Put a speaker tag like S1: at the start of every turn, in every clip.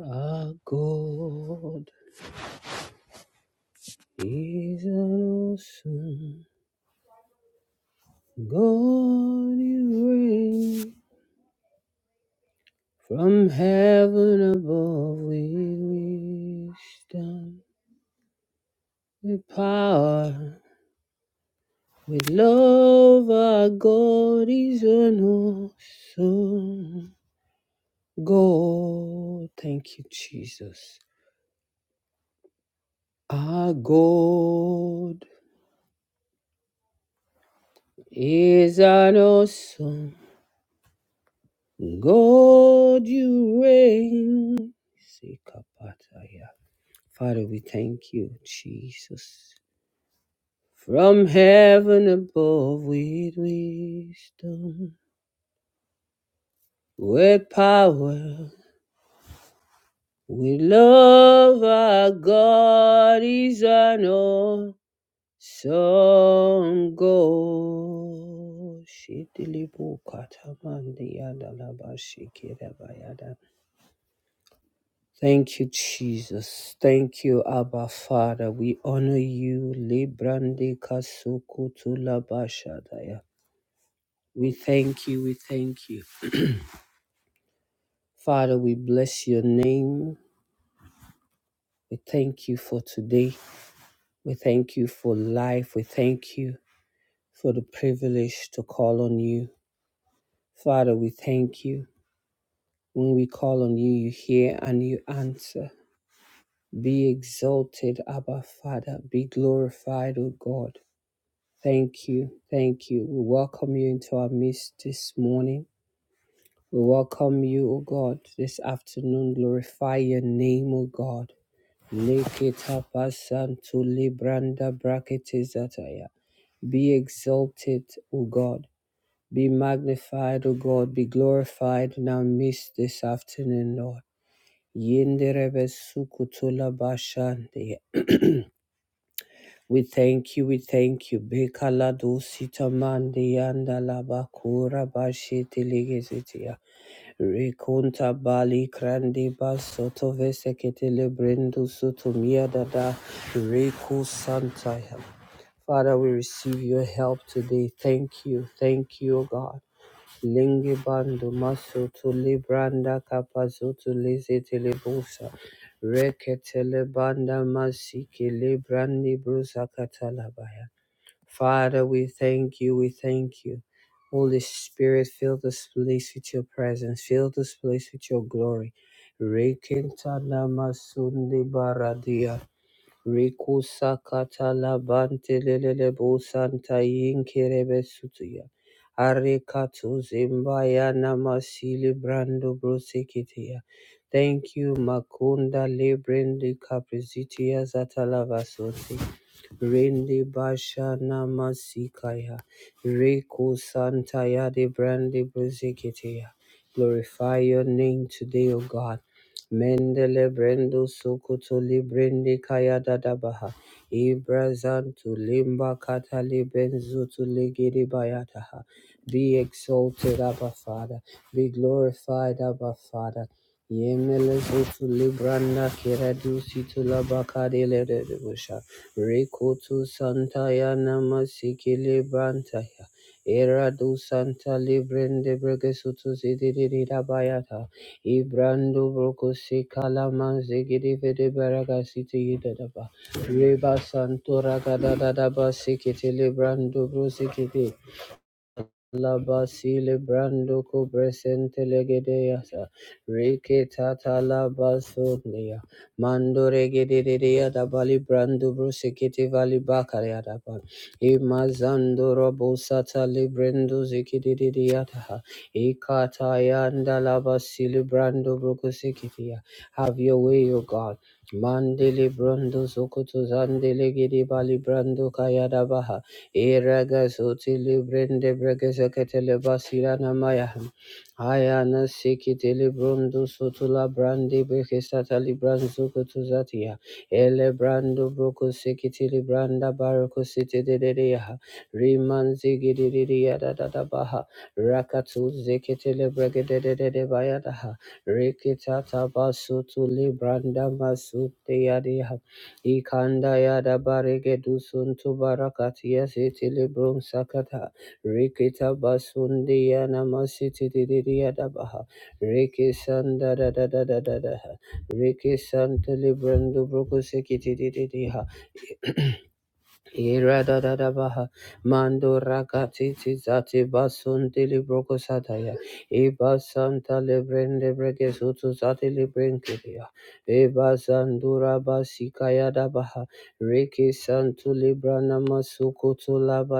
S1: Our God is an awesome God. You reign from heaven above with wisdom, with power, with love. Our God is an awesome God. Thank you, Jesus. Our God is an awesome God, you reign. Sikapataya. Father, we thank you, Jesus. From heaven above, with wisdom, with power, with love, our God is an awesome God. Shidilibu katamandi yadalaba Thank you, Jesus. Thank you, Abba Father. We honor you. Librande kasukutu labashadaya. We thank you. We thank you. Father, we bless your name. We thank you for today. We thank you for life. We thank you for the privilege to call on you. Father, we thank you. When we call on you, you hear and you answer. Be exalted, Abba Father. Be glorified, O God. Thank you. Thank you. We welcome you into our midst this morning. We welcome you, O God, this afternoon. Glorify your name, O God. Leketapasantu libranda braketizataya. Be exalted, O God. Be magnified, O God. Be glorified in our midst this afternoon, Lord. Yenderebe sukutola We thank you, we thank you. Bekala do sitamandi andala bakura bashi tiligizitia. Rekunta bali krandi basoto veseketele brendu sutumia dada. Reku santa. Father, we receive your help today. Thank you, thank you, O God. Lingibando masutu libranda kapazutu liziti libusa. Reketele banda masiki librandi brusa katalabaya. Father, we thank you, we thank you. Holy Spirit, fill this place with your presence, fill this place with your glory. Rekintana masundi baradia. Riku sakata labante lelele busanta yinkerebe sutuya. Arikatu zimbaya namasili brando brusikitiya. Thank you, Makunda Librindi Capricitia Zatalava Rende Basha Namasikaya. Reko Santaya de Brande Boziketea. Glorify your name today, O God. Mendele Brendo Sokoto Librende Kaya Dadabaha. Ibrazantu Limba Katali Benzutu Ligidi Bayataha. Be exalted, Abba Father. Be glorified, Abba Father. Yemelezutu libranda kiradusitu labakadelerebusha. Rikutu santaya namasiki librantaya. Eradu santa librende bregesutu zidiridabayata. Ibrandu brukusi kalaman zigirivide baragasiti yidadaba. Riba santura gadadadaba sikiti librandu brusikiti. Laba celebrando co presente legedeasa. Reke tata laba sondia. Mando regedea da bali brando brusikiti vali bakaria da ba. Imazando robo sata librendo zikididiata. Ikata yanda laba celebrando brukusikitia. Have your way, O God. Mandele brando zokoto zandele gede bali brando kaya da baha. Iragazuti librende bregeseketele basirana maya. Ayana sikiti librundu sutula brandi bekesata libranzu kutuzatia. Ele brando bruku sikiti libranda baruku siti didiya. Rimanzi gididiya da da da baha. Rakatu zikiti libregedede bayadaha. Rikitata basutu libranda masuti yadiha. Ikanda ya da barege dusun tu barakati ya siti librum sakata. Rikita basundi ya namasiti didiri ya da baha. Riki sanda da da da da da da ha. Riki santa librum du bruku sikiti didiri ha. Iradadabaha Mando Rakatiti Zati Basun Dili Brokosataya Iba Santa Lebrende breke sutu Zati Librenkidia Iba Sandura Basikaya Dabaha Riki Santu Librana Masukutu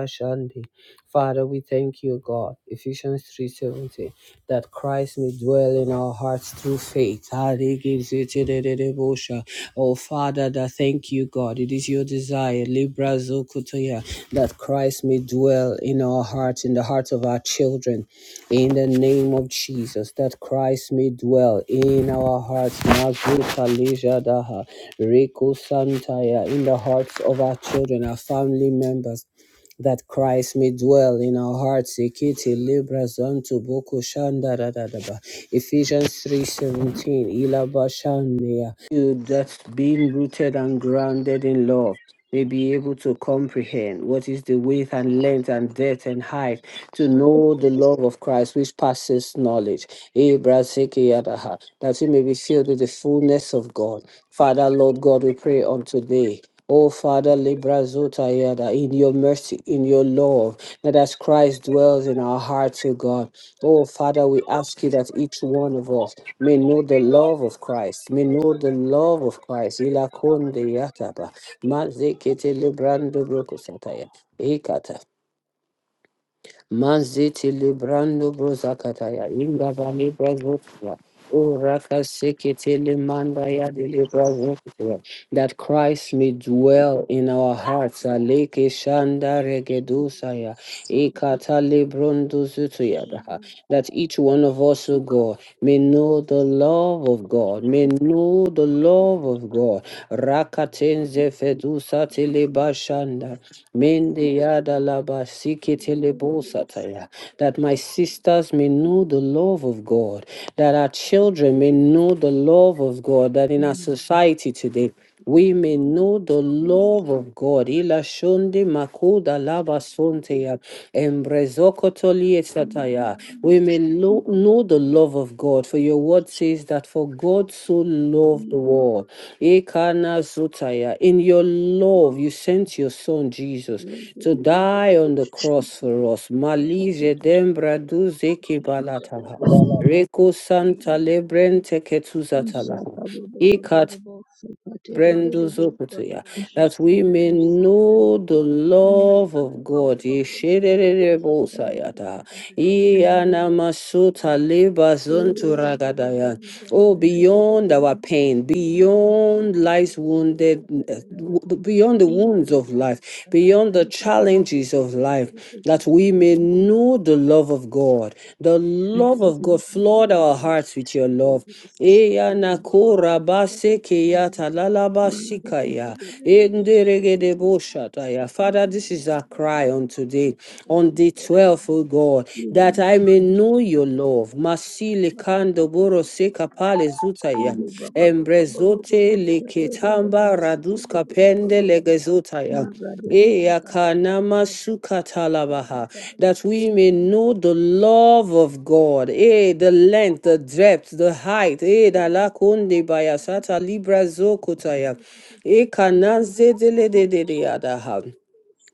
S1: shandi. Father, we thank you, God. Ephesians 3:17 that Christ may dwell in our hearts through faith. Ah, they gives it to the- the- the devotion. Oh, Father, that thank you, God. It is your desire, Libra Zokotoya, that Christ may dwell in our hearts, in the hearts of our children, in the name of Jesus, that Christ may dwell in our hearts, Mazuka Leja Daha, Reko Santaya, in the hearts of our children, our family members that Christ may dwell in our hearts. Ekete libra zanto boko shanda da da da ba. Ephesians three seventeen. Ilaba shandaya. You that being rooted and grounded in love may be able to comprehend what is the width and length and depth and height to know the love of Christ which passes knowledge. Eh, brasiki yadaha, That we may be filled with the fullness of God. Father, Lord God, we pray on today. Oh Father, Libra Zota Yada, in your mercy, in your love, that as Christ dwells in our hearts, O God. Oh Father, we ask you that each one of us may know the love of Christ, may know the love of Christ. Ila konde yataba. Mazekete librando broko Ekata. Mazete librando brozakataya. Inga vali brazotia. O raka sekete limanda ya That Christ may dwell in our hearts. Aleke shanda regedusaya. Ekata librondo zutuya That each one of us, O God, May know the love of God. May know the love of God. Rakatenze fedusa telebashanda. Mende yada laba sike telebosataya. That my sisters may know the love of God. That our children may know the love of God. That in our society today we may know the love of God. Ila shonde makoda lava sonteya, embrezokotoli esataya. We may lo- know the love of God, for your word says that for God so
S2: Thank
S1: loved the world. Ekana zotaya. In your love, you sent your son Jesus to die on the cross for us. Malize dembra duze kibalataha. Reko santa lebrente ketuzatalaha. Brendo Zokotoya, that we may know the love of God. Yesherererebo Sayata. Iyana masuta leba zontu ragadaya. Oh, beyond our pain, beyond life's wounded,
S2: you.
S1: beyond the
S2: Thank
S1: wounds of life, beyond the challenges of life, that we may know the love of God. The love of God, flood our hearts with your love. Iyana korabase keyata lalabasikaya. Enderegedebo shataya. Father, this is our cry on today day, on the 12th, O God, that I may know your love. Masile kando boro seka
S2: you.
S1: pale zutaya. Embrezote leketamba raduska pende legezotaya. Eya kanama sukatalabaha, That we may know the love of God, eh, the length, the depth, the height, eh, da
S2: Shakata
S1: la kunde bayasata libra zokotaya, eh, kananze dele de de de adaha.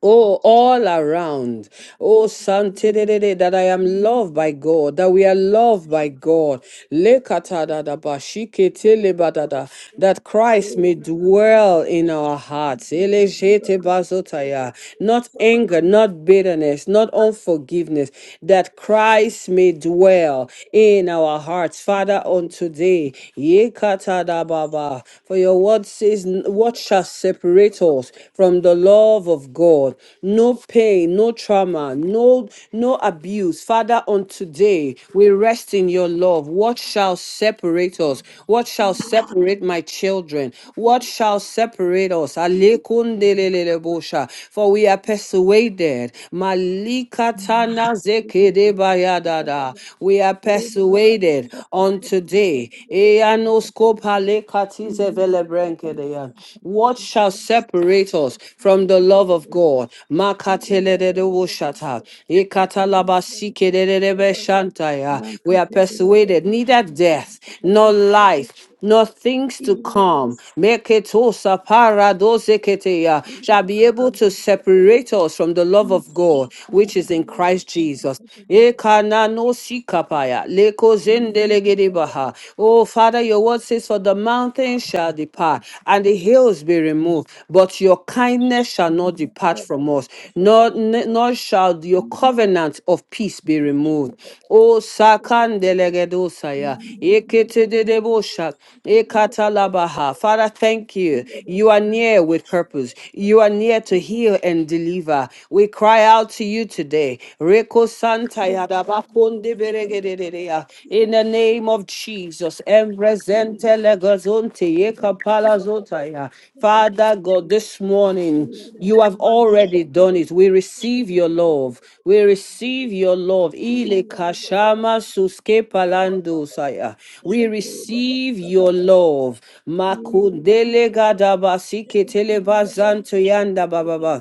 S1: Oh, all around. Oh, Sante that I
S2: Thank you.
S1: am loved by God, that we are loved by God. Lekatadadaba, shiketelebadada, That Christ may dwell in our hearts. Elejetebazotaya. Not anger, not bitterness, not unforgiveness. That Christ may dwell in our hearts. Father, on today. yekatadababa, For your word says, "What shall separate us from the love of God. No pain, no trauma, no no abuse. Father, on today we rest in your love. What shall separate us? What shall separate my children? What shall separate us? Alekundelelebosha. For we are persuaded. Malikatana zekedebayadada.
S2: Thank
S1: We are persuaded on today. Eyano Skopale katize vele brenkedeya. What shall separate us from the love of God? Makatele de Makateledede woshata. Ikatalabasikedelebe
S2: you.
S1: shantaya. We are
S2: Thank
S1: persuaded neither death nor life nor things to come. Meketosa paradoseketeya, Shall be able to separate us from the love of God, which is in Christ Jesus. Ekananosikapaya, lekozendelegedebaha. Oh, Father, your word says, For the mountains shall depart, and the hills be removed, but your kindness shall not depart from us, Nor nor, n- nor shall your covenant of peace be removed. O Sakandelegedosaya, Eketedebosha, Ekatalabaha. Father, thank you. You are near with purpose. You are near to
S2: you.
S1: heal and deliver. We cry out to you today. Reko Santaya
S2: Thank
S1: Dabakondeberegededea. In the name of Jesus. Jesus. Embrezente legozonte yeka palazotaya. Father God, this morning you have already done it. We receive your love. We receive your love. Ile kashama suske palando saya. We receive your love. Makundele gadabasi ketele bazanto yanda bababa.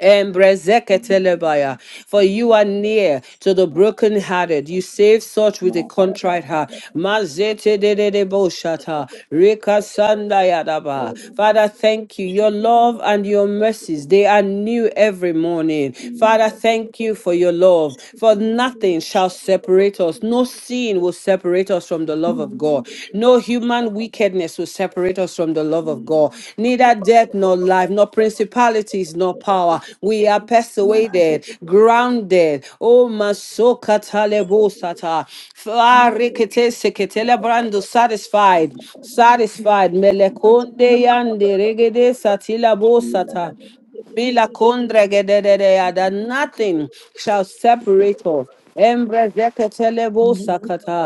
S1: Embrezeketelebaya. For you are near to the brokenhearted. You
S2: you.
S1: save such with a
S2: Thank
S1: contrite heart. Mazetedededeboshata. Rekasandayadaba. Father, thank you. Your love and your mercies, they are new every morning. Father, thank you for your love. For nothing shall separate us. No sin will separate us from the love of God. No human wickedness will separate us from the love of God. Neither death nor life, nor principalities, nor power. We are persuaded, grounded. Oh, masoka
S2: you.
S1: talebosata.
S2: Shaka
S1: Farikete seketele brando satisfied. Satisfied. Melekonde yande regede satila bosata. Bila kundra gedededea, that nothing shall separate us. Embrezekatelebo sakata.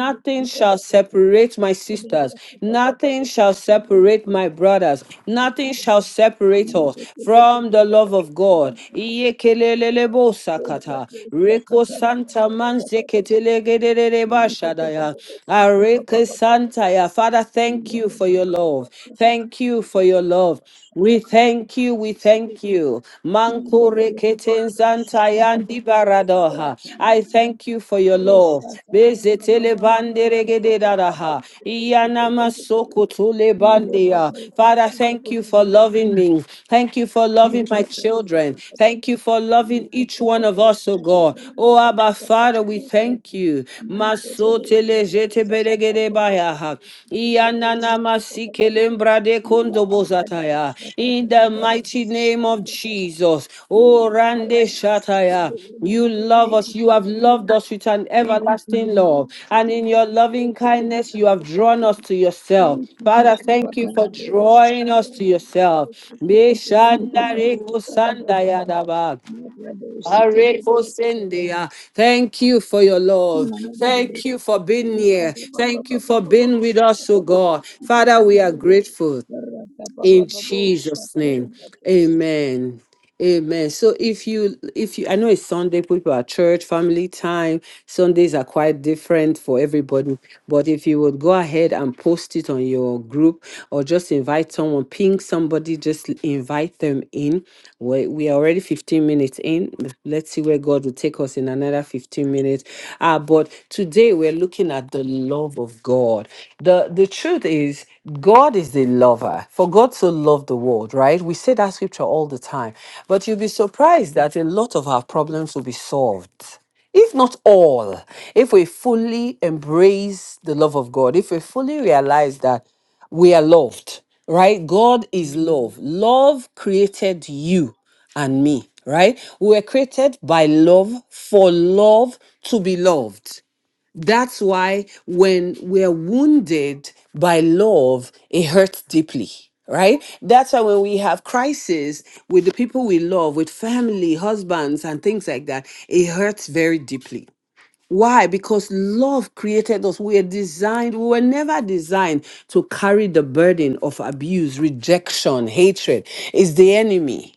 S1: Nothing shall separate my sisters. Nothing shall separate my brothers. Nothing shall separate us from the love of God. Iyekelelelebo sakata. Reko santa manzeketelegedededeba shadaya. Areke santa ya. Father, thank you for your love.
S2: Shaka
S1: Thank you for your love. We thank you, we thank you. Mankore keten zantayan di baradoha. I thank you for your love. Bezetele bande regede dadaha. Iyana masoko tule bandeya. Father, thank you for loving me. Thank you for loving my children. Thank you for loving each one of us, oh God. Oh Abba Father, we thank you.
S2: Mante
S1: Masotele
S2: de
S1: zete belegede baya Iyanana masike
S2: Saka,
S1: lembra de
S2: Yila
S1: kondo
S2: kaya
S1: bozataya.
S2: dosha
S1: In
S2: katera
S1: the mighty
S2: barosi
S1: name of
S2: aliyata.
S1: Jesus. Oh
S2: Yila kaya
S1: Rande
S2: dosi
S1: Shataya.
S2: katera
S1: You
S2: mante.
S1: love
S2: Thank
S1: us.
S2: you
S1: You
S2: for
S1: have
S2: your
S1: loved
S2: love.
S1: us with an
S2: Thank you for your
S1: everlasting
S2: love,
S1: love. And in
S2: Jesus.
S1: your
S2: Thank you
S1: loving
S2: for your
S1: kindness, you have
S2: love.
S1: drawn us to yourself.
S2: Thank you,
S1: Father,
S2: Jehovah
S1: thank you
S2: God.
S1: for drawing us
S2: Shataya,
S1: to
S2: Baba,
S1: yourself.
S2: Shoko,
S1: Be
S2: Baba, Baba,
S1: shandare
S2: Shaka, Baba,
S1: kusandaya
S2: Baba.
S1: daba.
S2: Mara, Baba, Sike, Bedia, Baba.
S1: Arekosendia. Thank you for your love.
S2: Mama, Baba, Baba.
S1: Thank you for being
S2: Rika,
S1: here.
S2: Baba,
S1: Thank you
S2: Baba, Baba,
S1: for
S2: Baba,
S1: being with
S2: Shaka,
S1: us, oh
S2: Baba, Baba,
S1: God.
S2: Sika,
S1: Father,
S2: Baba,
S1: we are
S2: Baba.
S1: grateful
S2: Raka, Baba,
S1: in
S2: Baba,
S1: Jesus'
S2: Shaka,
S1: name.
S2: Baba, Baba.
S1: Amen. Amen. So if you if you I know it's Sunday, people are church, family time. Sundays are quite different for everybody. But if you would go ahead and post it on your group or just invite someone, ping somebody, just invite them in. We we we are already 15 minutes in. Let's see where God will take us in another 15 minutes. Uh, but today we're looking at the love of God. The the truth is God is the lover. For God so loved the world, right? We say that scripture all the time. But you'll be surprised that a lot of our problems will be solved if not all, if we fully embrace the love of God, if we fully realize that we are loved, right? God is
S2: Mm,
S1: love. Love created you and me, right? We were created by love for love to be loved. That's why when we're wounded by love, it hurts deeply, right? That's why when we have crises with the people we love, with family, husbands, and things like that, it hurts very deeply. Why? Because love created us. We are designed, we were never designed to carry the burden of abuse, rejection, hatred. It's the enemy.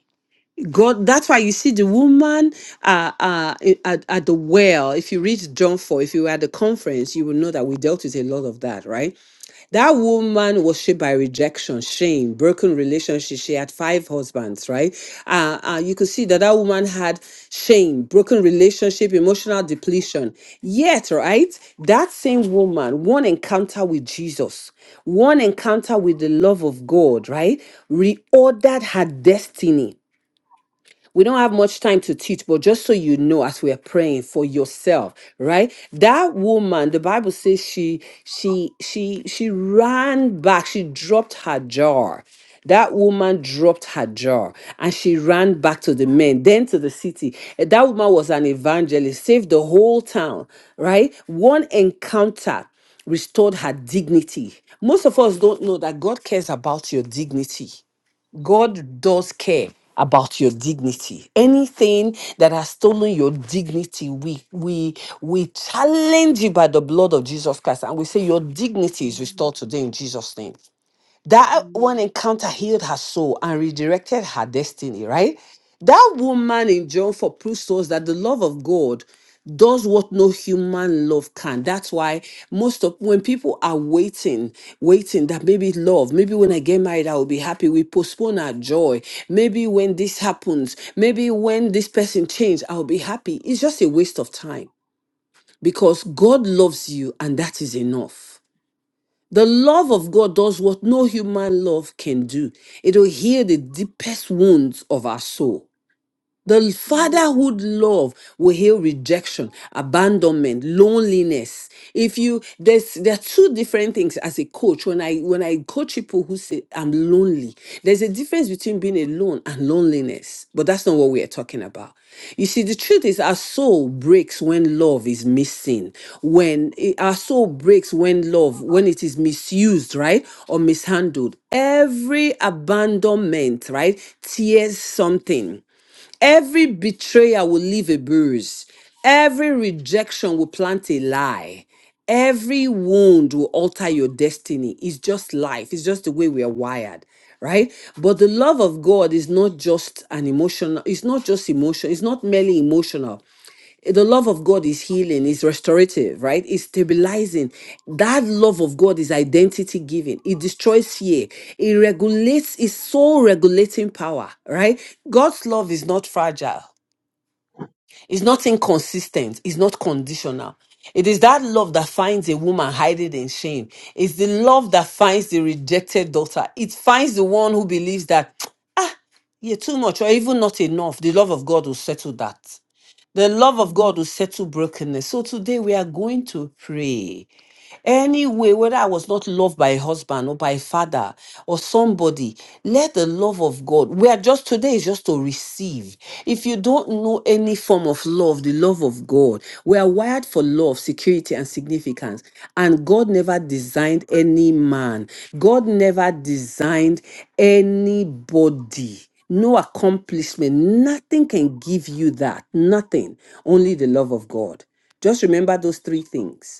S1: God, that's why you see the woman uh, uh, i- at, at the well. If you read John 4, if you were at the conference, you will know that we dealt with a lot of that, right? That woman was shaped by rejection, shame, broken relationship. She had five husbands, right? Uh, uh, you could see that that woman had shame, broken relationship, emotional depletion. Yet, right, that same woman, one encounter with Jesus, one encounter with the love of God, right, reordered her destiny we don't have much time to teach, but just so you know, as we're praying for yourself, right? That woman, the Bible says she she she she ran back, she dropped her jar. That woman dropped her jar and she ran back to the men, then to the city. Eh, That woman was an evangelist, saved the whole town, right? One encounter restored her dignity. Most of us don't know that God cares about your dignity. God does care about your dignity. Anything that has stolen your dignity, we we we challenge you by the blood of Jesus Christ and we say your dignity is restored today in Jesus' name. That one encounter healed her soul and redirected her destiny, right? That woman in John 4 proves to us that the love of God does what no human love can. That's why most of when people are waiting, waiting that maybe love, maybe when I get married, I will be happy. We postpone our joy. Maybe when this happens, maybe when this person changes, I'll be happy. It's just a waste of time because God loves you and that is enough. The love of God does what no human love can do. It will heal the deepest wounds of our soul. The
S2: mm,
S1: fatherhood love will heal rejection, abandonment, loneliness. If you there's there are two different things as a coach. When I when I coach people who say I'm lonely, there's a difference between being alone and loneliness. But that's not what we are talking about. You see, the truth is our soul breaks when love is missing. When it- our soul breaks when love, when it is misused, right? Or mishandled. Every abandonment, right, tears something Every betrayer will leave a bruise. Every rejection will plant a lie. Every wound will alter your destiny. It's just life. It's just the way we are wired, right? But the love of God is not just an emotional, it's not just emotion, it's not merely emotional the love of God is healing, is restorative, right? It's stabilizing. That love of God is identity giving. It destroys fear. It regulates, it's soul regulating power, right? God's love is not fragile, it's not inconsistent, it's not conditional. It is that love that finds a woman hiding in shame. It's the love that finds the rejected daughter. It finds the one who believes that, yeah, too much or even not enough. The love of God will settle that. The love of
S2: mm,
S1: God will settle brokenness. So today we are going to pray. Anyway, whether I was not loved by a husband or by a father or somebody, let the love of God, we are just today is just to receive. If you don't know any form of love, the love of God, we are wired for love, security, and significance. And God never designed any man, God never designed anybody. No accomplishment, nothing can give you that, nothing, only the love of God. Just remember those three things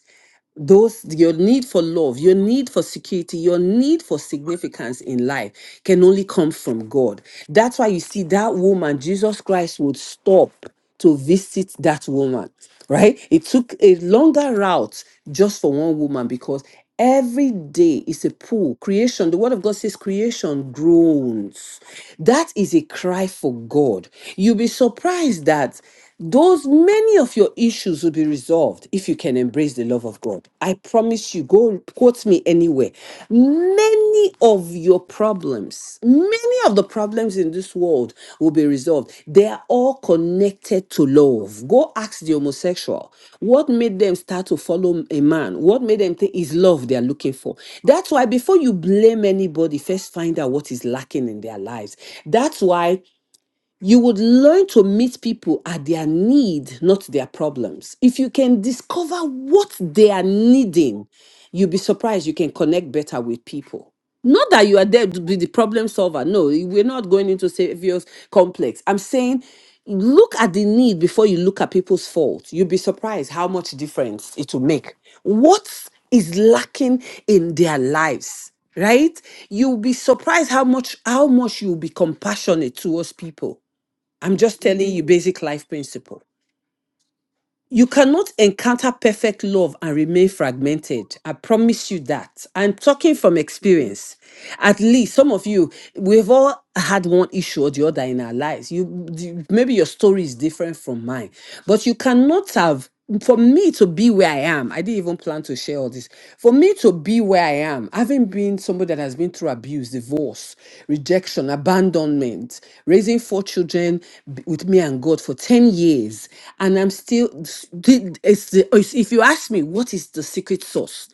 S1: those your need for love your need for security your need for significance in life can only come from god that's why you see that woman jesus christ would stop to visit that woman right it took a longer route just for one woman because every day is a pool creation the word of god says creation groans that is a cry for god you'll be surprised that those many of your issues will be resolved if you can embrace the love of God. I promise you, go quote me anywhere. Many of your problems, many of the problems in this world will be resolved. They are all connected to love. Go ask the homosexual what made them start to follow a man, what made them think is love they are looking for. That's why before you blame anybody, first find out what is lacking in their lives. That's why you would learn to meet people at their need, not their problems. If you can discover what they are needing, you'll be surprised you can connect better with people. Not that you are there to be the problem solver. No, we're not going into savior's complex. I'm saying look at the need before you look at people's fault. You'll be surprised how much difference it will make. What is lacking in their lives? right you'll be surprised how much how much you'll be compassionate towards people I'm just telling
S2: mm,
S1: you basic life principle. You cannot encounter perfect love and remain fragmented. I promise you that. I'm talking from
S2: mm.
S1: experience. At least some of you, we've all had one issue or the other in our lives. You you- maybe your story is different from mine, but you cannot have for me to be where I am, I didn't even plan to share all this. For me to be where I am, having been somebody that has been through abuse, divorce, rejection, abandonment, raising four children b- with me and God for 10 years, and I'm still, s- the- it's the, it's- if you ask me, what is the secret sauce?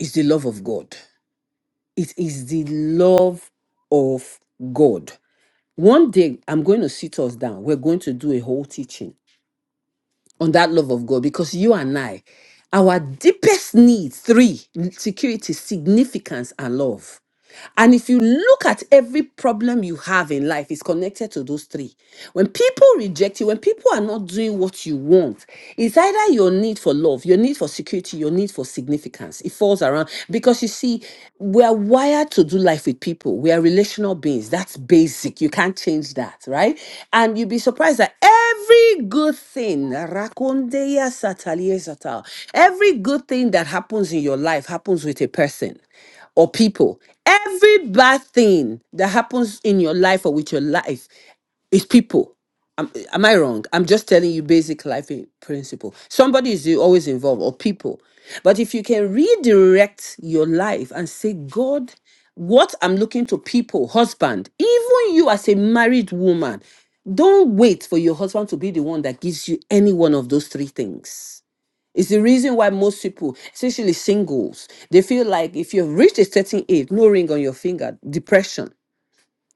S1: It's the love of God. It is the love of God. One day, I'm going to sit us down. We're going to do a whole teaching on that love of God because you and I, our deepest needs, three security, significance, and love. And if you look at every problem you have in life, it's connected to those three. When people reject you, when people are not doing what you want, it's either your need for love, your need for security, your need for significance. It falls around because you see, we are wired to do life with people. We are relational beings. That's basic. You can't change that, right? And you'd be surprised that every good thing, rakondeya sataliye sata, every good thing that happens in your life happens with a person or people. Every bad thing that happens in your life or with your life is people. Am, am I wrong? I'm just telling you basic life in- principle. Somebody is always involved or people. But if you can redirect your life and say, God, what I'm looking to people, husband, even you as a married woman, don't wait for your husband to be the one that gives you any one of those three things it's the reason why most people, especially singles, they feel like if you've reached a certain age, no ring on your finger, depression.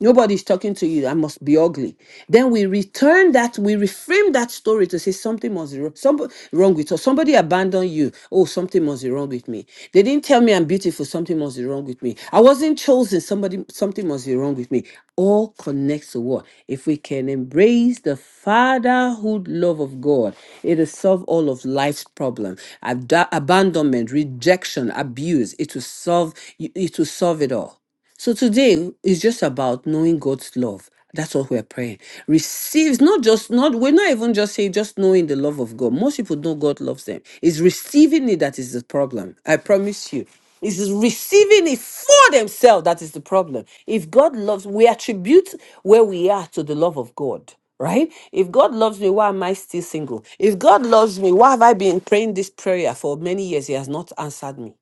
S1: Nobody's talking to you. I must be ugly. Then we return that, we reframe that story to say something must be wrong, some, wrong with us. Somebody abandoned you. Oh, something must be wrong with me. They didn't tell me I'm beautiful. Something must be wrong with me. I wasn't chosen. Somebody, something must be wrong with me. All connects to what? If we can embrace the fatherhood love of God, it'll solve all of life's problem. Ab- abandonment, rejection, abuse. It will solve. It will solve it all. So today is just about knowing God's love. That's what we're praying. Receives not just not we're not even just saying just knowing the love of God. Most people know God loves them. It's receiving it that is the problem. I promise you. It's receiving it for themselves that is the problem. If God loves, we attribute where we are to the love of God right? If God loves me, why am I still single? If God loves me, why have I been praying this prayer for many years? He has not answered me.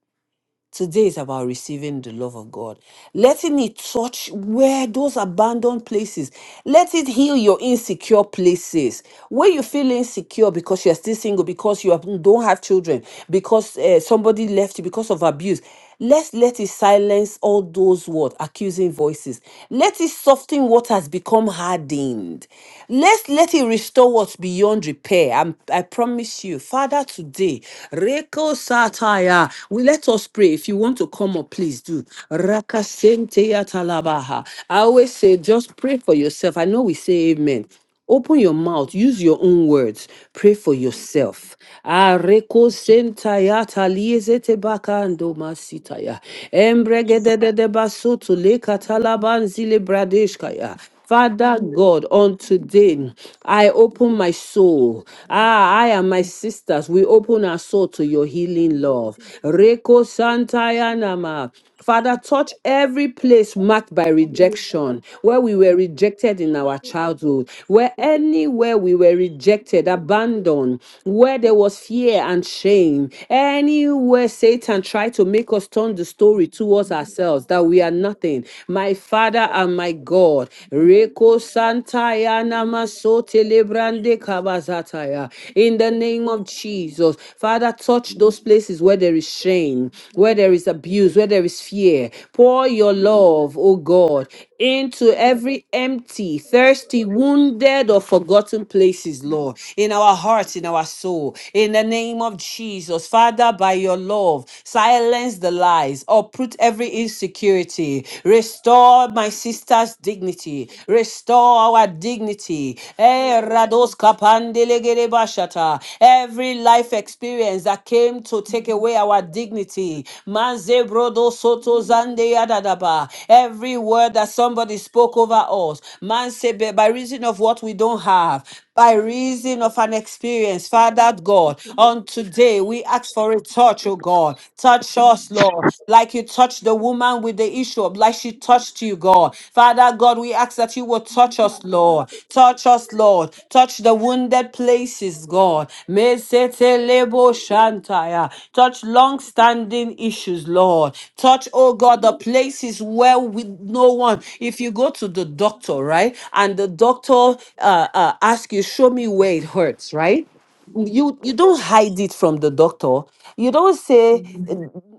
S1: Today is about receiving the love of God, letting it touch where those abandoned places, let it heal your insecure places. Where you feel insecure because you're still single, because you have- don't have children, because uh, somebody left you because of abuse. Let's let it silence all those what accusing voices. Let it soften what has become hardened. Let's let it restore what's beyond repair. I'm- i promise you, Father, today, Reko Sataya. We let us pray. If you want to come up, please do. Raka Senteya Talabaha. I always say, just pray for yourself. I know we say amen. Open your mouth, use your own words, pray for
S2: Jesus.
S1: yourself. Ah, reko sentaya talieze tebaka ando masitaya. Embregedede basoto leka talabanzi le katalaban zile bradeshkaya. Father God, on today, I open my soul. Ah, I and my sisters, we open our soul to your healing love. Reko santaya nama. Father, touch every place marked by rejection, where we were rejected in our childhood, where anywhere we were rejected, abandoned, where there was fear and shame, anywhere Satan tried to make us turn the story towards ourselves that we are nothing. My Father and my God, Reko
S2: Jesus.
S1: Santaya Namasote Lebrande Kabazataya. In the name of Jesus, Father, touch those places places where there is shame, where there is abuse, where there is fear. Pour your love, oh God, into every empty, thirsty, wounded, or forgotten places, Lord, in our hearts, in our soul. In the name of Jesus, Father, by your love, silence the lies, uproot every insecurity, restore my sister's dignity, restore our dignity. Eh, rados kapandele Shata. Every life experience that came to take away our dignity. Manze brodo soto zande yadadaba. Every word that somebody spoke over us. Manse be- by reason of what we don't have. By reason of an experience, Father God, on today we ask for a touch, oh God. Touch us, Lord, like you touched the woman with the issue of, like she touched you,
S2: Oh,
S1: God. Father God, we ask that you will touch
S2: My
S1: us, Lord.
S2: heart
S1: Lord.
S2: is in the
S1: Touch us,
S2: grace
S1: Lord.
S2: that
S1: Touch the
S2: my heart
S1: wounded
S2: is and the
S1: places,
S2: glory
S1: God.
S2: of the Lord.
S1: Mesetelebo shantaya. Touch long standing issues, Lord. Touch, oh
S2: in
S1: God,
S2: the
S1: the
S2: Lord of the
S1: places where we
S2: Lord,
S1: no one.
S2: in the daily
S1: If you go to the
S2: reports, and
S1: doctor,
S2: the Lord
S1: right,
S2: of
S1: and
S2: the Lord,
S1: the
S2: in
S1: doctor uh, uh, asks you, show me where it hurts, right? you
S2: the
S1: you don't
S2: waters,
S1: hide it from the doctor you don't say
S2: in
S1: uh,
S2: the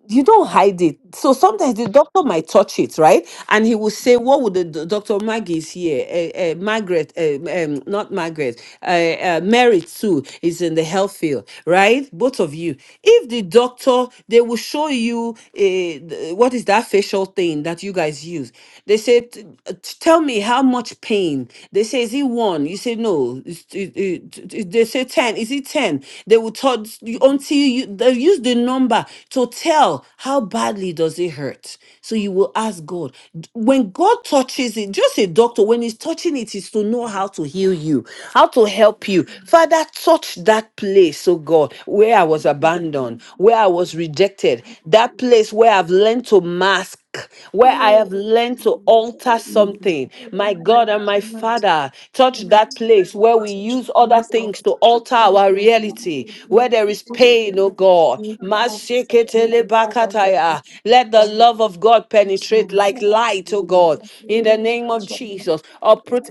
S1: you don't hide it so sometimes the doctor might touch it right and he will say what would the do- doctor maggie is here uh, uh, margaret uh, um, not margaret uh, uh, mary too is in the health field right both of you if the doctor they will show you uh, th- what is that facial thing that you guys use they say "T- uh, t- tell me how much pain they say is it one you say no it's, it, it, it- they say it 10? Is it 10? They will tell until you they use the number to tell how badly does it hurt. So you will ask God. D- When God touches it, just a doctor, when he's touching it, is to know how to heal you, how to help you.
S2: understanding,
S1: Father, touch that place, oh God, where I was
S2: the
S1: abandoned,
S2: peace of
S1: where I
S2: God,
S1: was rejected,
S2: the
S1: that
S2: peace of
S1: place where
S2: God,
S1: I've learned to mask where I have
S2: yea, she
S1: learned to
S2: is so
S1: alter
S3: Jesus Christ, O God.
S2: good.
S3: Each of us
S1: something.
S2: With
S1: My
S2: my
S1: God
S2: heart
S1: and my
S2: is good.
S1: Father,
S2: She
S1: touch
S2: is the
S1: that
S2: Lord of
S1: place
S2: the
S1: where we
S2: Lord, so
S1: use
S2: come
S1: other
S2: and talk
S1: things seeks
S2: about
S1: to
S3: will
S1: alter our
S2: Teach my heart
S1: reality,
S3: be
S1: where there is pain, oh God.
S3: outside the from the individual,
S1: Masheketelebakataya. Let the love of God penetrate like
S2: to
S1: light,
S2: be
S1: oh
S2: the
S1: God. In the
S2: slave
S1: name
S2: of
S1: of
S2: the Lord.
S3: especially
S1: Jesus, uproot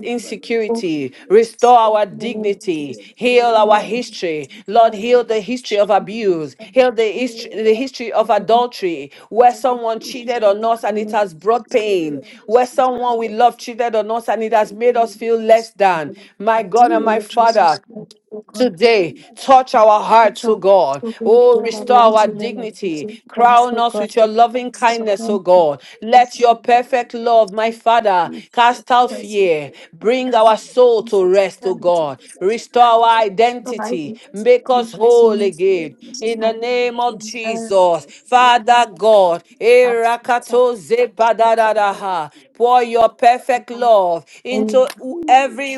S3: folks,
S1: insecurity, restore our
S3: women, and
S1: dignity,
S3: people
S1: heal
S2: together
S1: our
S2: with and
S1: history. Lord,
S2: restore my
S1: heal the history of abuse,
S2: dignity.
S1: heal the history,
S2: Oh,
S1: the history
S3: in
S1: of
S3: the community,
S1: adultery, where someone cheated
S2: Isha
S1: on us and it
S2: Kabbalah,
S1: has brought
S2: together with
S1: pain,
S2: me,
S1: where someone we
S2: Sakababa,
S1: love cheated on us and it has made us
S3: women,
S1: feel less than. My God and
S2: heal,
S1: my
S3: and
S2: heal my
S3: resource
S1: Father,
S2: heart,
S3: program.
S2: heal
S1: Today,
S2: my heart,
S1: touch our
S2: heal my
S1: hearts, O
S3: Actually,
S2: heart.
S1: God.
S3: so we in
S1: Oh,
S3: the
S2: Thank
S1: restore our
S3: mighty name of
S1: dignity.
S3: Jesus. The
S1: Crown
S3: merciful
S1: us
S3: God,
S1: with your loving
S3: so
S1: kindness, O God. Let your perfect love, my Father, cast out fear. Bring our soul to rest, O
S3: God,
S1: God. Restore our
S3: The light
S1: identity.
S3: is
S1: Make us whole
S3: seen
S1: again. In the
S3: And
S1: name of
S3: air
S1: Jesus, Father God.
S3: touch
S1: Erakato
S3: something
S1: zebadadadaha. Pour your
S2: you.
S1: perfect love into
S3: and
S2: Ooh,
S1: every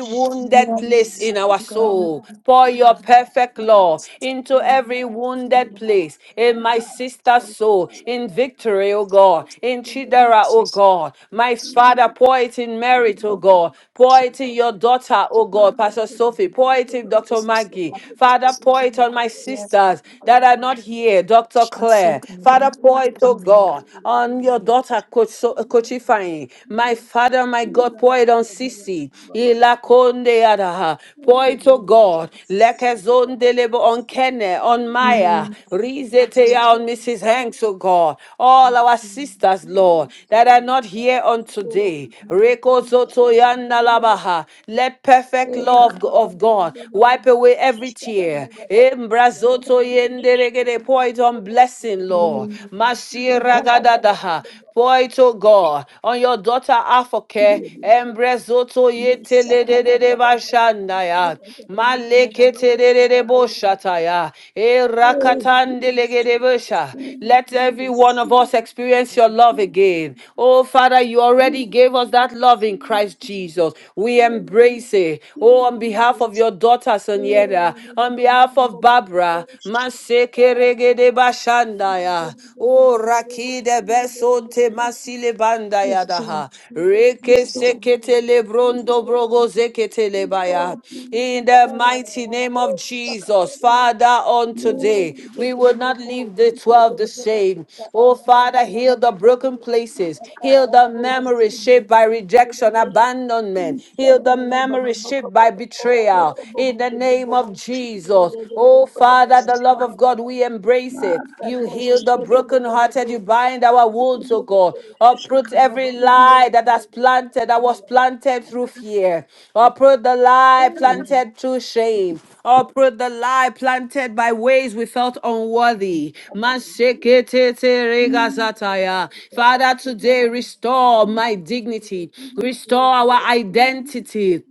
S3: you
S1: wounded
S3: are
S2: my
S1: place in
S2: heart,
S1: our
S3: to God
S2: my
S1: soul.
S2: heart,
S1: Pour
S2: my
S1: your
S2: heart,
S1: perfect
S2: my
S1: love
S2: heart,
S1: into
S2: my
S1: every
S2: heart, my
S1: wounded
S2: heart,
S1: place
S2: my
S1: in my
S2: heart.
S1: sister's
S2: Oh,
S1: soul,
S2: Father,
S1: in
S2: I have a
S1: victory, oh God,
S2: secret, I
S1: in
S2: have
S1: Chidera, oh
S3: Jesus.
S1: God. My Father,
S2: Mm,
S1: pour it in
S2: I have
S1: merit, oh God.
S2: a
S1: Pour
S2: secret.
S1: it in your
S2: Father,
S1: daughter, oh
S2: I
S1: God,
S2: have a
S1: Pastor Sophie.
S2: secret, I
S1: Pour
S2: have a secret, I have
S1: it in
S2: a
S1: Dr. Maggie. Father, pour it on
S2: secret,
S1: my
S2: I have
S3: Yeah,
S1: sisters that are not here, Dr.
S3: so
S1: Claire.
S2: Father,
S1: Father,
S2: I have a
S1: pour
S2: secret, I have a
S1: it, oh
S3: Mm,
S1: God, On on your
S2: secret,
S1: daughter, Coach,
S2: I
S1: so, uh, Coach Ifeanyi. My Father, my God,
S2: Ila,
S1: pour it on
S2: Father, I have a
S1: Sisi. Ilakonde yadaha.
S2: Thank
S1: Pour it, oh God. Lekezondelebo on Kenne, on Maya.
S3: mm,
S1: Rizeteya on Mrs. Hanks, oh God. All our sisters, Lord, that are not here on today. Reko zoto Rekozoto yandalabaha. Let perfect love of God wipe away every tear. Embrazoto yenderegede. Pour it on blessings blessing, Lord. Mashiragadadaha. Pour it, oh God, on your daughter Afoke, Embrezoto yetelelelele bashandaya, maleketelelele
S2: you.
S1: boshataya,
S2: Oh, King Jesus,
S1: erakatandelegedebosha.
S2: King
S1: Let every
S2: Jesus,
S1: one of
S2: King
S1: us experience
S2: Jesus,
S1: your love
S2: King
S1: again.
S2: Jesus,
S1: Oh Father, you
S2: King
S1: already gave us that
S2: Jesus,
S1: love in
S2: King
S1: Christ
S2: Jesus,
S1: Jesus. We
S2: King Jesus,
S1: embrace it.
S2: King
S1: Oh, on behalf of your daughter Sonyeda, on behalf of Barbara, Mashandaya, Masekeregede Bashandaya, O Rakide Besonte
S2: Jesus.
S1: Masile Bandaya
S2: Restore
S1: Daha,
S2: Jesus,
S1: Reke
S2: restore Jesus,
S1: Seketele Brondo
S2: restore
S1: Brogo
S2: Jesus,
S1: Zeketele Baya.
S2: restore
S1: In the mighty name of Jesus,
S2: Jesus.
S1: Father, on
S2: Thank
S1: today, we will not leave the 12 the same. Oh Father, heal the broken places, heal the memories shaped by rejection, abandonment, heal the memories shaped by betrayal. In the name of Jesus. Oh, Father, the love of God, we embrace it. You heal the brokenhearted. You bind our wounds, oh God. Uproot every lie that has planted, that was planted through fear. Uproot the lie planted through shame. Uproot the lie planted by ways we felt unworthy.
S2: you. Thank
S1: Masheketeteregasataya. Father, today restore my dignity. Restore our identity.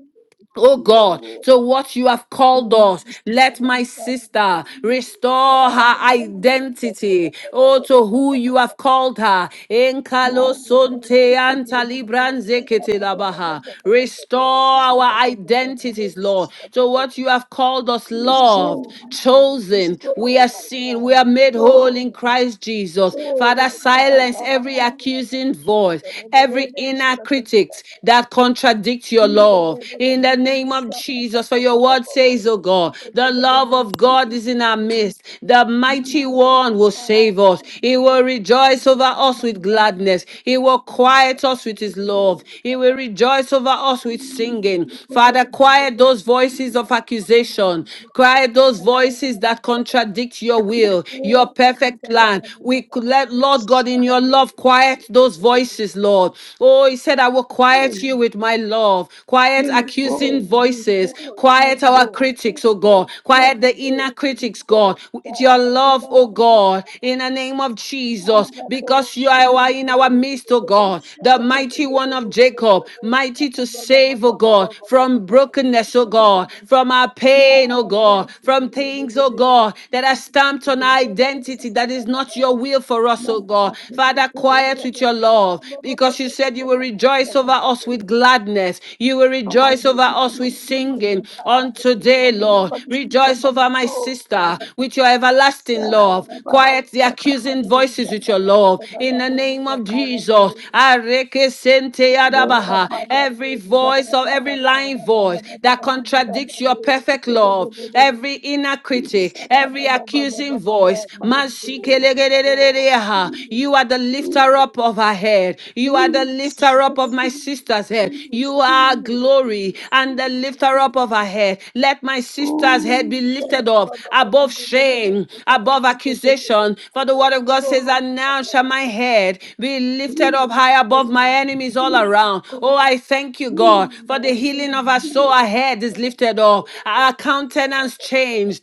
S1: Oh God, to what you have called us, let my sister restore her identity. Oh, to who you have called her. Enkalo sonte anta libranze kete labaha. Restore our identities, Lord, to
S2: you.
S1: what you have called us, loved,
S2: Restore my God.
S1: chosen. We
S2: Restore
S1: are
S2: my
S1: seen,
S2: God.
S1: we are made whole
S2: Restore
S1: in
S2: my God.
S1: Christ Jesus.
S2: Restore
S1: Father,
S2: my God.
S1: silence
S2: One
S1: every
S2: kind of
S1: accusing voice, every inner critic politics that contradict your love. In the name of Jesus, for your word says, oh God, the love of God is in our midst. The mighty one will save us. He will rejoice over us with gladness. He will quiet us with his love. He will rejoice over us with singing. Father, quiet those voices of accusation. Quiet those voices that
S2: Thank you.
S1: contradict your will,
S2: My God,
S1: your
S2: my God, my God, my
S1: perfect
S2: God,
S1: plan.
S2: my
S1: We could let Lord God in your love love. Quiet those voices, Lord. Oh, he said, I will quiet you with my love. Quiet accusing voices. Quiet our critics, oh God.
S2: God, my
S1: Quiet the inner critics,
S2: God,
S1: God. With your
S2: Father, we are
S1: love,
S2: the
S1: oh God, in the name of
S2: ones who are
S1: Jesus,
S2: the ones
S1: because you
S2: who are the
S1: are in
S2: ones
S1: our midst,
S2: who
S1: oh
S2: are the
S1: God.
S2: ones
S1: The mighty one
S2: who
S1: of Jacob, mighty to
S2: are
S1: save,
S2: the
S1: oh God, from brokenness, oh God, from our pain, oh
S2: ones
S1: God, from things, oh God, that are stamped on
S2: who
S1: our identity
S2: are
S1: identity that is not
S2: the
S1: your will for us,
S2: Father,
S1: oh God. Father, quiet with your love because you said you will rejoice over us with gladness. You will rejoice over
S2: give me
S1: us with
S2: permission over my
S1: singing
S2: heart,
S1: on
S2: O Lord. I
S1: today,
S2: give you
S1: Lord.
S2: permission over
S1: Rejoice
S2: my
S1: over my
S2: soul,
S1: sister
S2: Father.
S1: with your everlasting love. Quiet the accusing voices with your love. In the name of Jesus, Areke sente Adabaha. every voice of every lying voice that contradicts your perfect love, every in inner critic, every
S2: My
S1: accusing voice.
S2: God, my
S1: Mashikelegererereha. You are the lifter
S2: God.
S1: up of our head. You are the
S2: Jesus,
S1: lifter up of
S2: Jesus,
S1: my sister's head. You
S2: Jesus,
S1: are glory
S2: Jesus,
S1: and the lifter up of
S2: Jesus.
S1: her head. Let my sister's head
S2: Oh,
S1: be lifted
S2: shaka
S1: up
S2: ba ba ba ba
S1: above
S2: ba ba ba,
S1: shame,
S2: shaka ba ba
S1: above
S2: ba ba ba ba
S1: accusation. For the word of
S2: ba
S1: God
S2: ba, oh,
S1: says, And
S2: shaka
S1: now
S2: ba.
S1: shall my head be lifted
S2: Heal,
S1: up high
S2: Jesus,
S1: above my
S2: name.
S1: enemies all
S2: heal,
S1: around.
S2: God,
S1: Oh, I thank you,
S2: heal
S1: God, for
S2: my
S1: the
S2: soul,
S1: healing of our
S2: heal
S1: soul
S2: it.
S1: ahead head is lifted up. Our
S2: Shaka
S1: countenance
S2: ba ba ba.
S1: changed.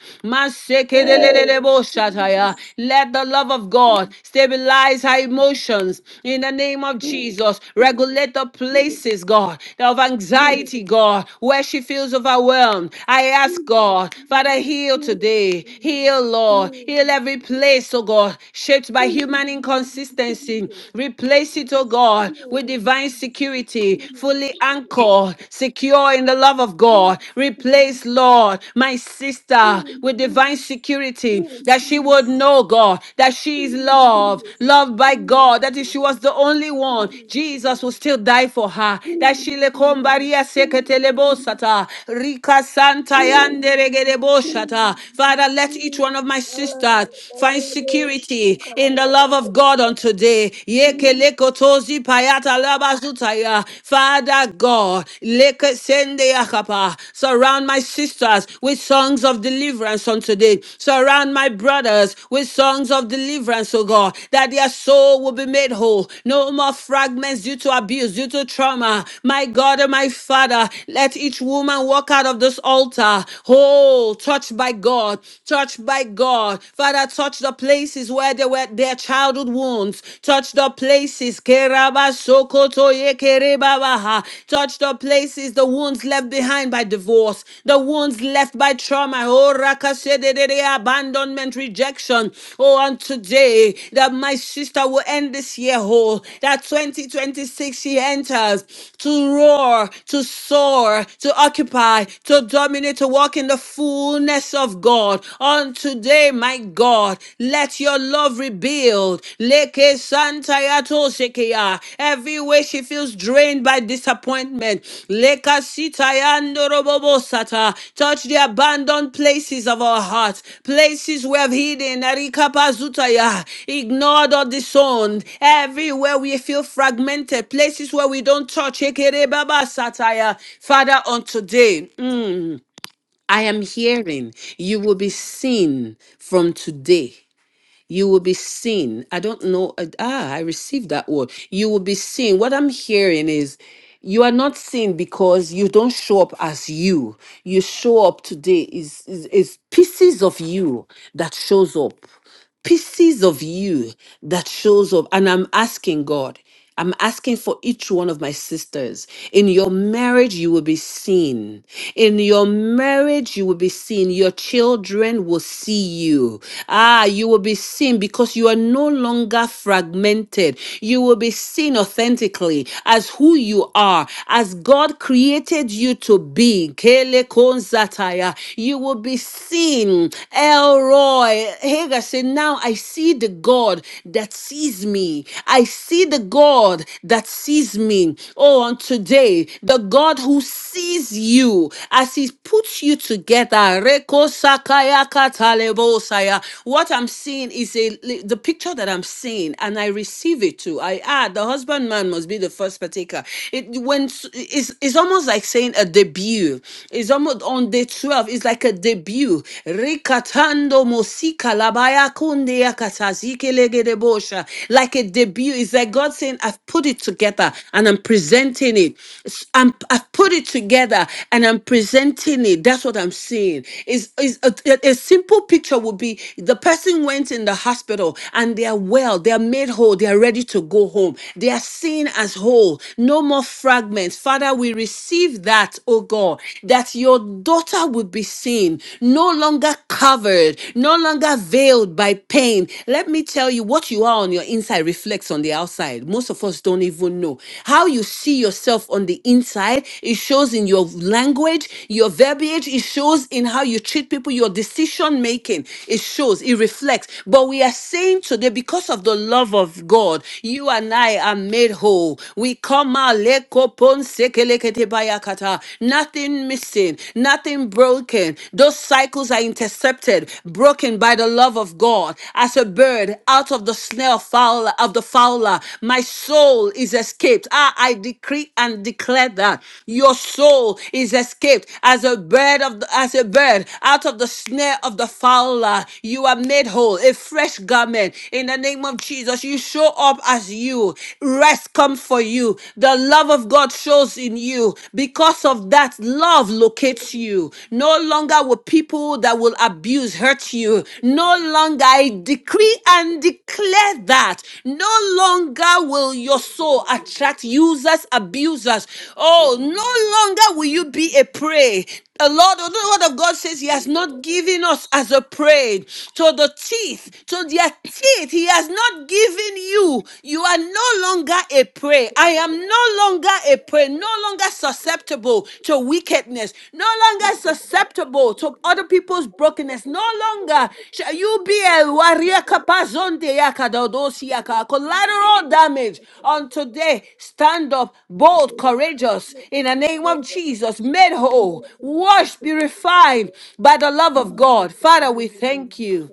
S2: Hey,
S1: Masekeleleleboshataya.
S2: Jesus,
S1: Let the love of
S2: heal,
S1: God stabilize our emotions in the name of
S2: heal, heal, heal,
S1: Jesus. Regulate the places, God, of anxiety, God, where she feels overwhelmed. I ask God,
S2: heal, heal,
S1: Father, heal
S2: heal, heal,
S1: today.
S2: Jesus,
S1: Heal, Lord. Heal every
S2: heal.
S1: place, oh God, shaped by human inconsistency. Replace it, oh God, with divine security be fully anchored, secure in the love of God. Replace, Lord, my sister with divine security that she would know God, that she is loved, loved by God, that if she was the only one, Jesus would still die for her. That she le kombaria seketelebosata, rika santa yande yanderegeleboshata. Father, let each one of my sisters find security in the love of God on today. Elekelekotozi payata labazutaya. Father God, lekesende yakapa. surround my sisters with songs of deliverance on today. Surround my brothers with songs of deliverance, O God, that their soul will be made whole. No more fragments due to abuse, due to trauma. My God and my Father, let each woman walk out of this altar whole, touched by God, touched by God. Father, touch the places places where they were their childhood wounds. Touch the places. Kerabasokotoye kerebabaha. Touch the places, the wounds left behind by divorce, the wounds left by trauma. Oh, rakasededede, abandonment, rejection. Oh, and today that my sister will end this year whole. That 2026 she enters to roar, to soar, to occupy, to dominate, to walk in the fullness of God. God. On today, my God, let your love rebuild. Leke santayato shekeya. Every way she feels drained by disappointment. Leka sitayandorobobo sata. Touch the abandoned places of our hearts, places we have hidden. Arikapazutaya. Ignored or disowned. Everywhere we feel fragmented, places where we don't touch. Ekerebaba sataya. Father, on today. I am hearing you will be seen from today. You will be seen. I don't know. uh, Ah, I received that word. You will be seen. What I'm hearing is you are not seen because you don't show up as you. You show up today is is, is pieces of you that shows up pieces of you that shows up and i'm asking god i'm asking for each one of my sisters in your marriage you will be seen in your marriage you will be seen your children will see you ah you will be seen because you are no longer fragmented you will be seen authentically as who you are as god created you to be Kele konzataya. you will be seen Elroy. Hagar said, Now I see the God that sees me. I see the God that sees me. Oh, and today, the God who sees you as He puts you together. Reko sakaya katalebo What I'm seeing is a the picture that I'm seeing, and I receive it too. I add the husbandman must be the first partaker. It when it's, it's almost like saying a debut. It's almost on the the 12 is like a debut. Rekatando mosika labaya kunde yakatazike legedebosha. Like a debut. It's like God saying, I've put it together and I'm presenting it. S- I'm, I've put it together and I'm presenting it. That's what I'm saying. Is is a, a a simple picture would be the person went in the hospital and they are well, they are made whole, they are ready to go home. They are seen as whole. No more fragments. Father, we receive that that, oh God, that your daughter would be seen, no longer covered, no longer veiled by pain. Let me tell you what you are on your inside reflects on the outside. Most of us don't even know. How you see yourself on the inside, it shows in your language, your verbiage, it shows in how you treat people, your decision making. It shows, it reflects. But we are saying today, because of the love of God, you and I are made whole. We come out Maleko ponse Nothing missing, nothing broken. Those cycles are intercepted, broken by the love of God. As a bird out of the snare fowler of the fowler, my soul is escaped. Ah, I decree and declare that your soul is escaped as a bird of the, as a bird out of the snare of the fowler. You are made whole, a fresh garment in the name of Jesus. You show up as you you. Rest come for you. The love of God shows in you. Because of that, love locates you. No longer will people that will abuse hurt you. No longer, I decree and declare
S2: Oh,
S1: that. No longer will
S2: Thank
S1: your soul attract users, abusers. Oh, no longer will you be a prey. The Lord, the word of God says He has not given us as a prey to the teeth, to their teeth. He has not given you. You are no longer a prey. I am no longer a prey, no longer susceptible to wickedness, no longer susceptible to other people people's brokenness. No longer shall you be a warrior kapazonde yakadodosi yaka. collateral damage. On today, stand up, bold, courageous, in the name of Jesus, made whole, washed, be refined by the love of God. Father, we thank you.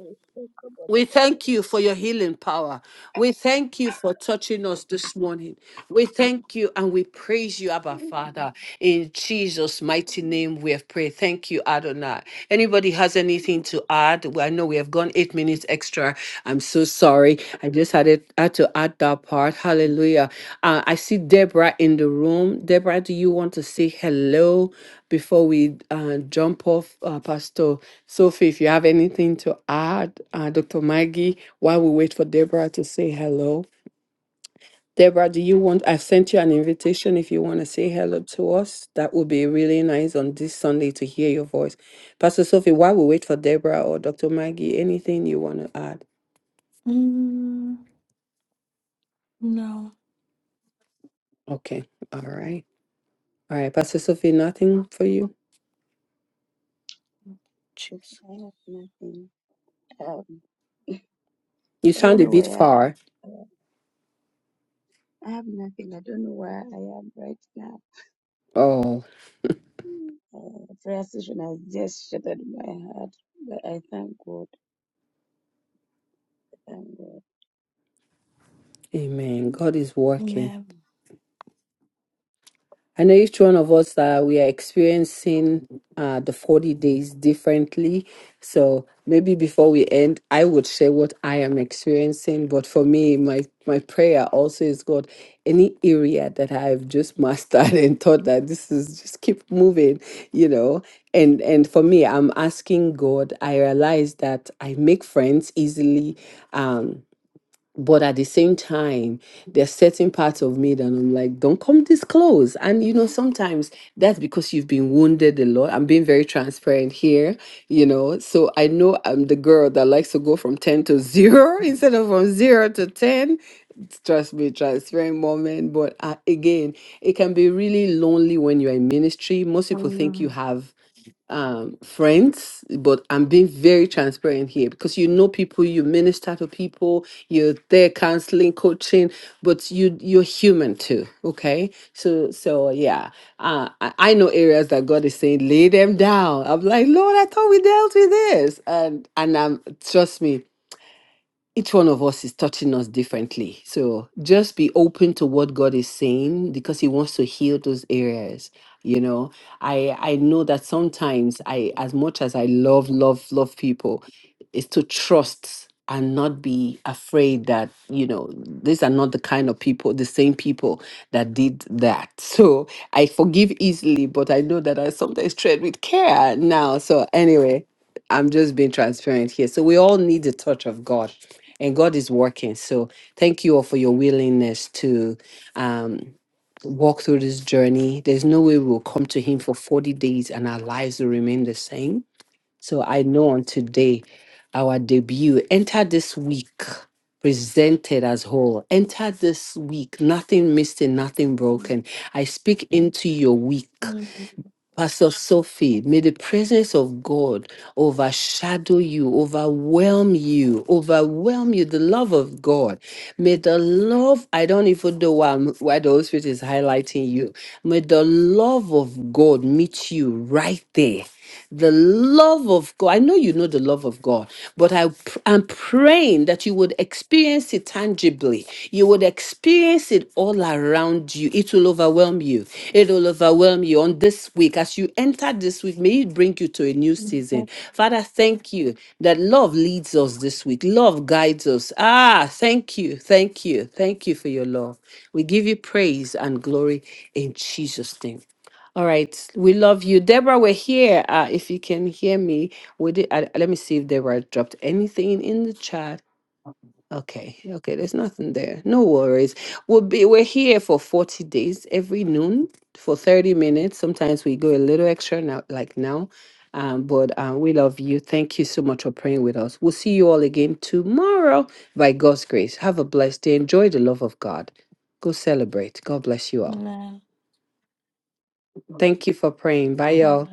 S1: We thank you for your healing power. We thank you for touching us this morning. We thank you and we praise you, Abba
S2: you.
S1: Father. In Jesus' mighty name, we have prayed. Thank you, Adonai. Anybody has anything to add? Well, I know we have gone eight minutes extra. I'm so sorry. I just had it had to add that part. Hallelujah. Uh, I see Deborah in the room. Deborah, do you want to say hello before we uh, jump off, uh, Pastor? Sophie, if you have anything to add, uh, Dr. Maggie, while we wait for Deborah to say hello. Deborah, do you want? I sent you an invitation if you want to say hello to us. That would be really nice on this Sunday to hear your voice. Pastor Sophie, while we wait for Deborah or Dr. Maggie, anything you want to add?
S3: Mm, no,
S1: Okay. All right. All right. Pastor Sophie, nothing for you?
S2: if
S3: jeez.
S2: I have nothing. Um,
S1: You
S2: I don't know.
S1: sound a bit
S2: I am-
S1: far.
S2: uh, I have nothing. I don't know where I am right now.
S1: Oh,
S2: Uh, prayer session has just shattered my heart, but I thank God. Thank God.
S1: amen. God is working.
S3: Amen.
S1: I know each one of us uh, we are experiencing uh, the 40 days differently. So maybe before we end, I would share what I am experiencing. But for me, my my prayer also is God, any area that I've just mastered and thought that this is just keep moving, you know. And and for me, I'm asking God, I realize that I make friends easily. Um but at the same time there's certain parts of me that i'm like don't come this close and you know sometimes that's because you've been wounded a lot i'm being very transparent here you know so i know i'm the girl that likes to go from 10 to 0 instead of from 0 to 10 trust me transparent moment but uh, again it can be really lonely when you're in ministry most people think you
S3: mm,
S1: have um, friends, but I'm being very transparent here because you know people, you minister to people, you're there counseling, coaching, but you you're human too. Okay, so so yeah, uh, I, I know areas that God is saying lay them down. I'm like Lord, I thought we dealt with this, and and I'm trust me, each one of us is touching us differently. So just be open to what God is saying because He wants to heal those areas. You know, I I know that sometimes I, as much as I love, love, love people, is to trust and not be afraid that you know these are not the kind of people the same people that did that so i forgive easily but i know that i sometimes tread with care now so anyway I'm just being transparent here. So we all need the touch of God, and God is working. So thank you all for your willingness to um, walk through this journey. There's no way we'll come to Him for 40 days and our lives will remain the same. So I know on today, our debut, enter this week presented as whole. Enter this week, nothing missing, nothing
S3: mm,
S1: broken. I speak into your week.
S3: Mm,
S1: Pastor Sophie, may the presence of God overshadow you, overwhelm you, overwhelm you, the love of God. May the love, I don't even know why, I'm- why the Holy Spirit is highlighting you. May the love of God meet you right there the love of God. I know you know the love of God, but I pr- I'm praying that you would experience it tangibly. You would experience it all around you. It will overwhelm you. It will overwhelm you on this week. As you enter this week, may it bring you to a new
S3: mm.
S1: season. Father, thank you that love leads us this week. Love guides us. Ah, thank you. Thank you. Thank you for your love. We give you praise and glory in Jesus' name. All right, we love you, Deborah. We're here. Uh, if you can hear me, we did. Uh, let me see if Deborah dropped anything in the chat. Okay, okay, there's nothing there. No worries. We'll be we're here for 40 days every noon for 30 minutes. Sometimes we go a little extra now, like now. Um, but uh, we love you. Thank you so much for praying with us. We'll see you all again tomorrow by God's grace. Have a blessed day. Enjoy the love of God. Go celebrate. God bless you all.
S3: amen.
S1: Thank you for praying. Bye, y'all.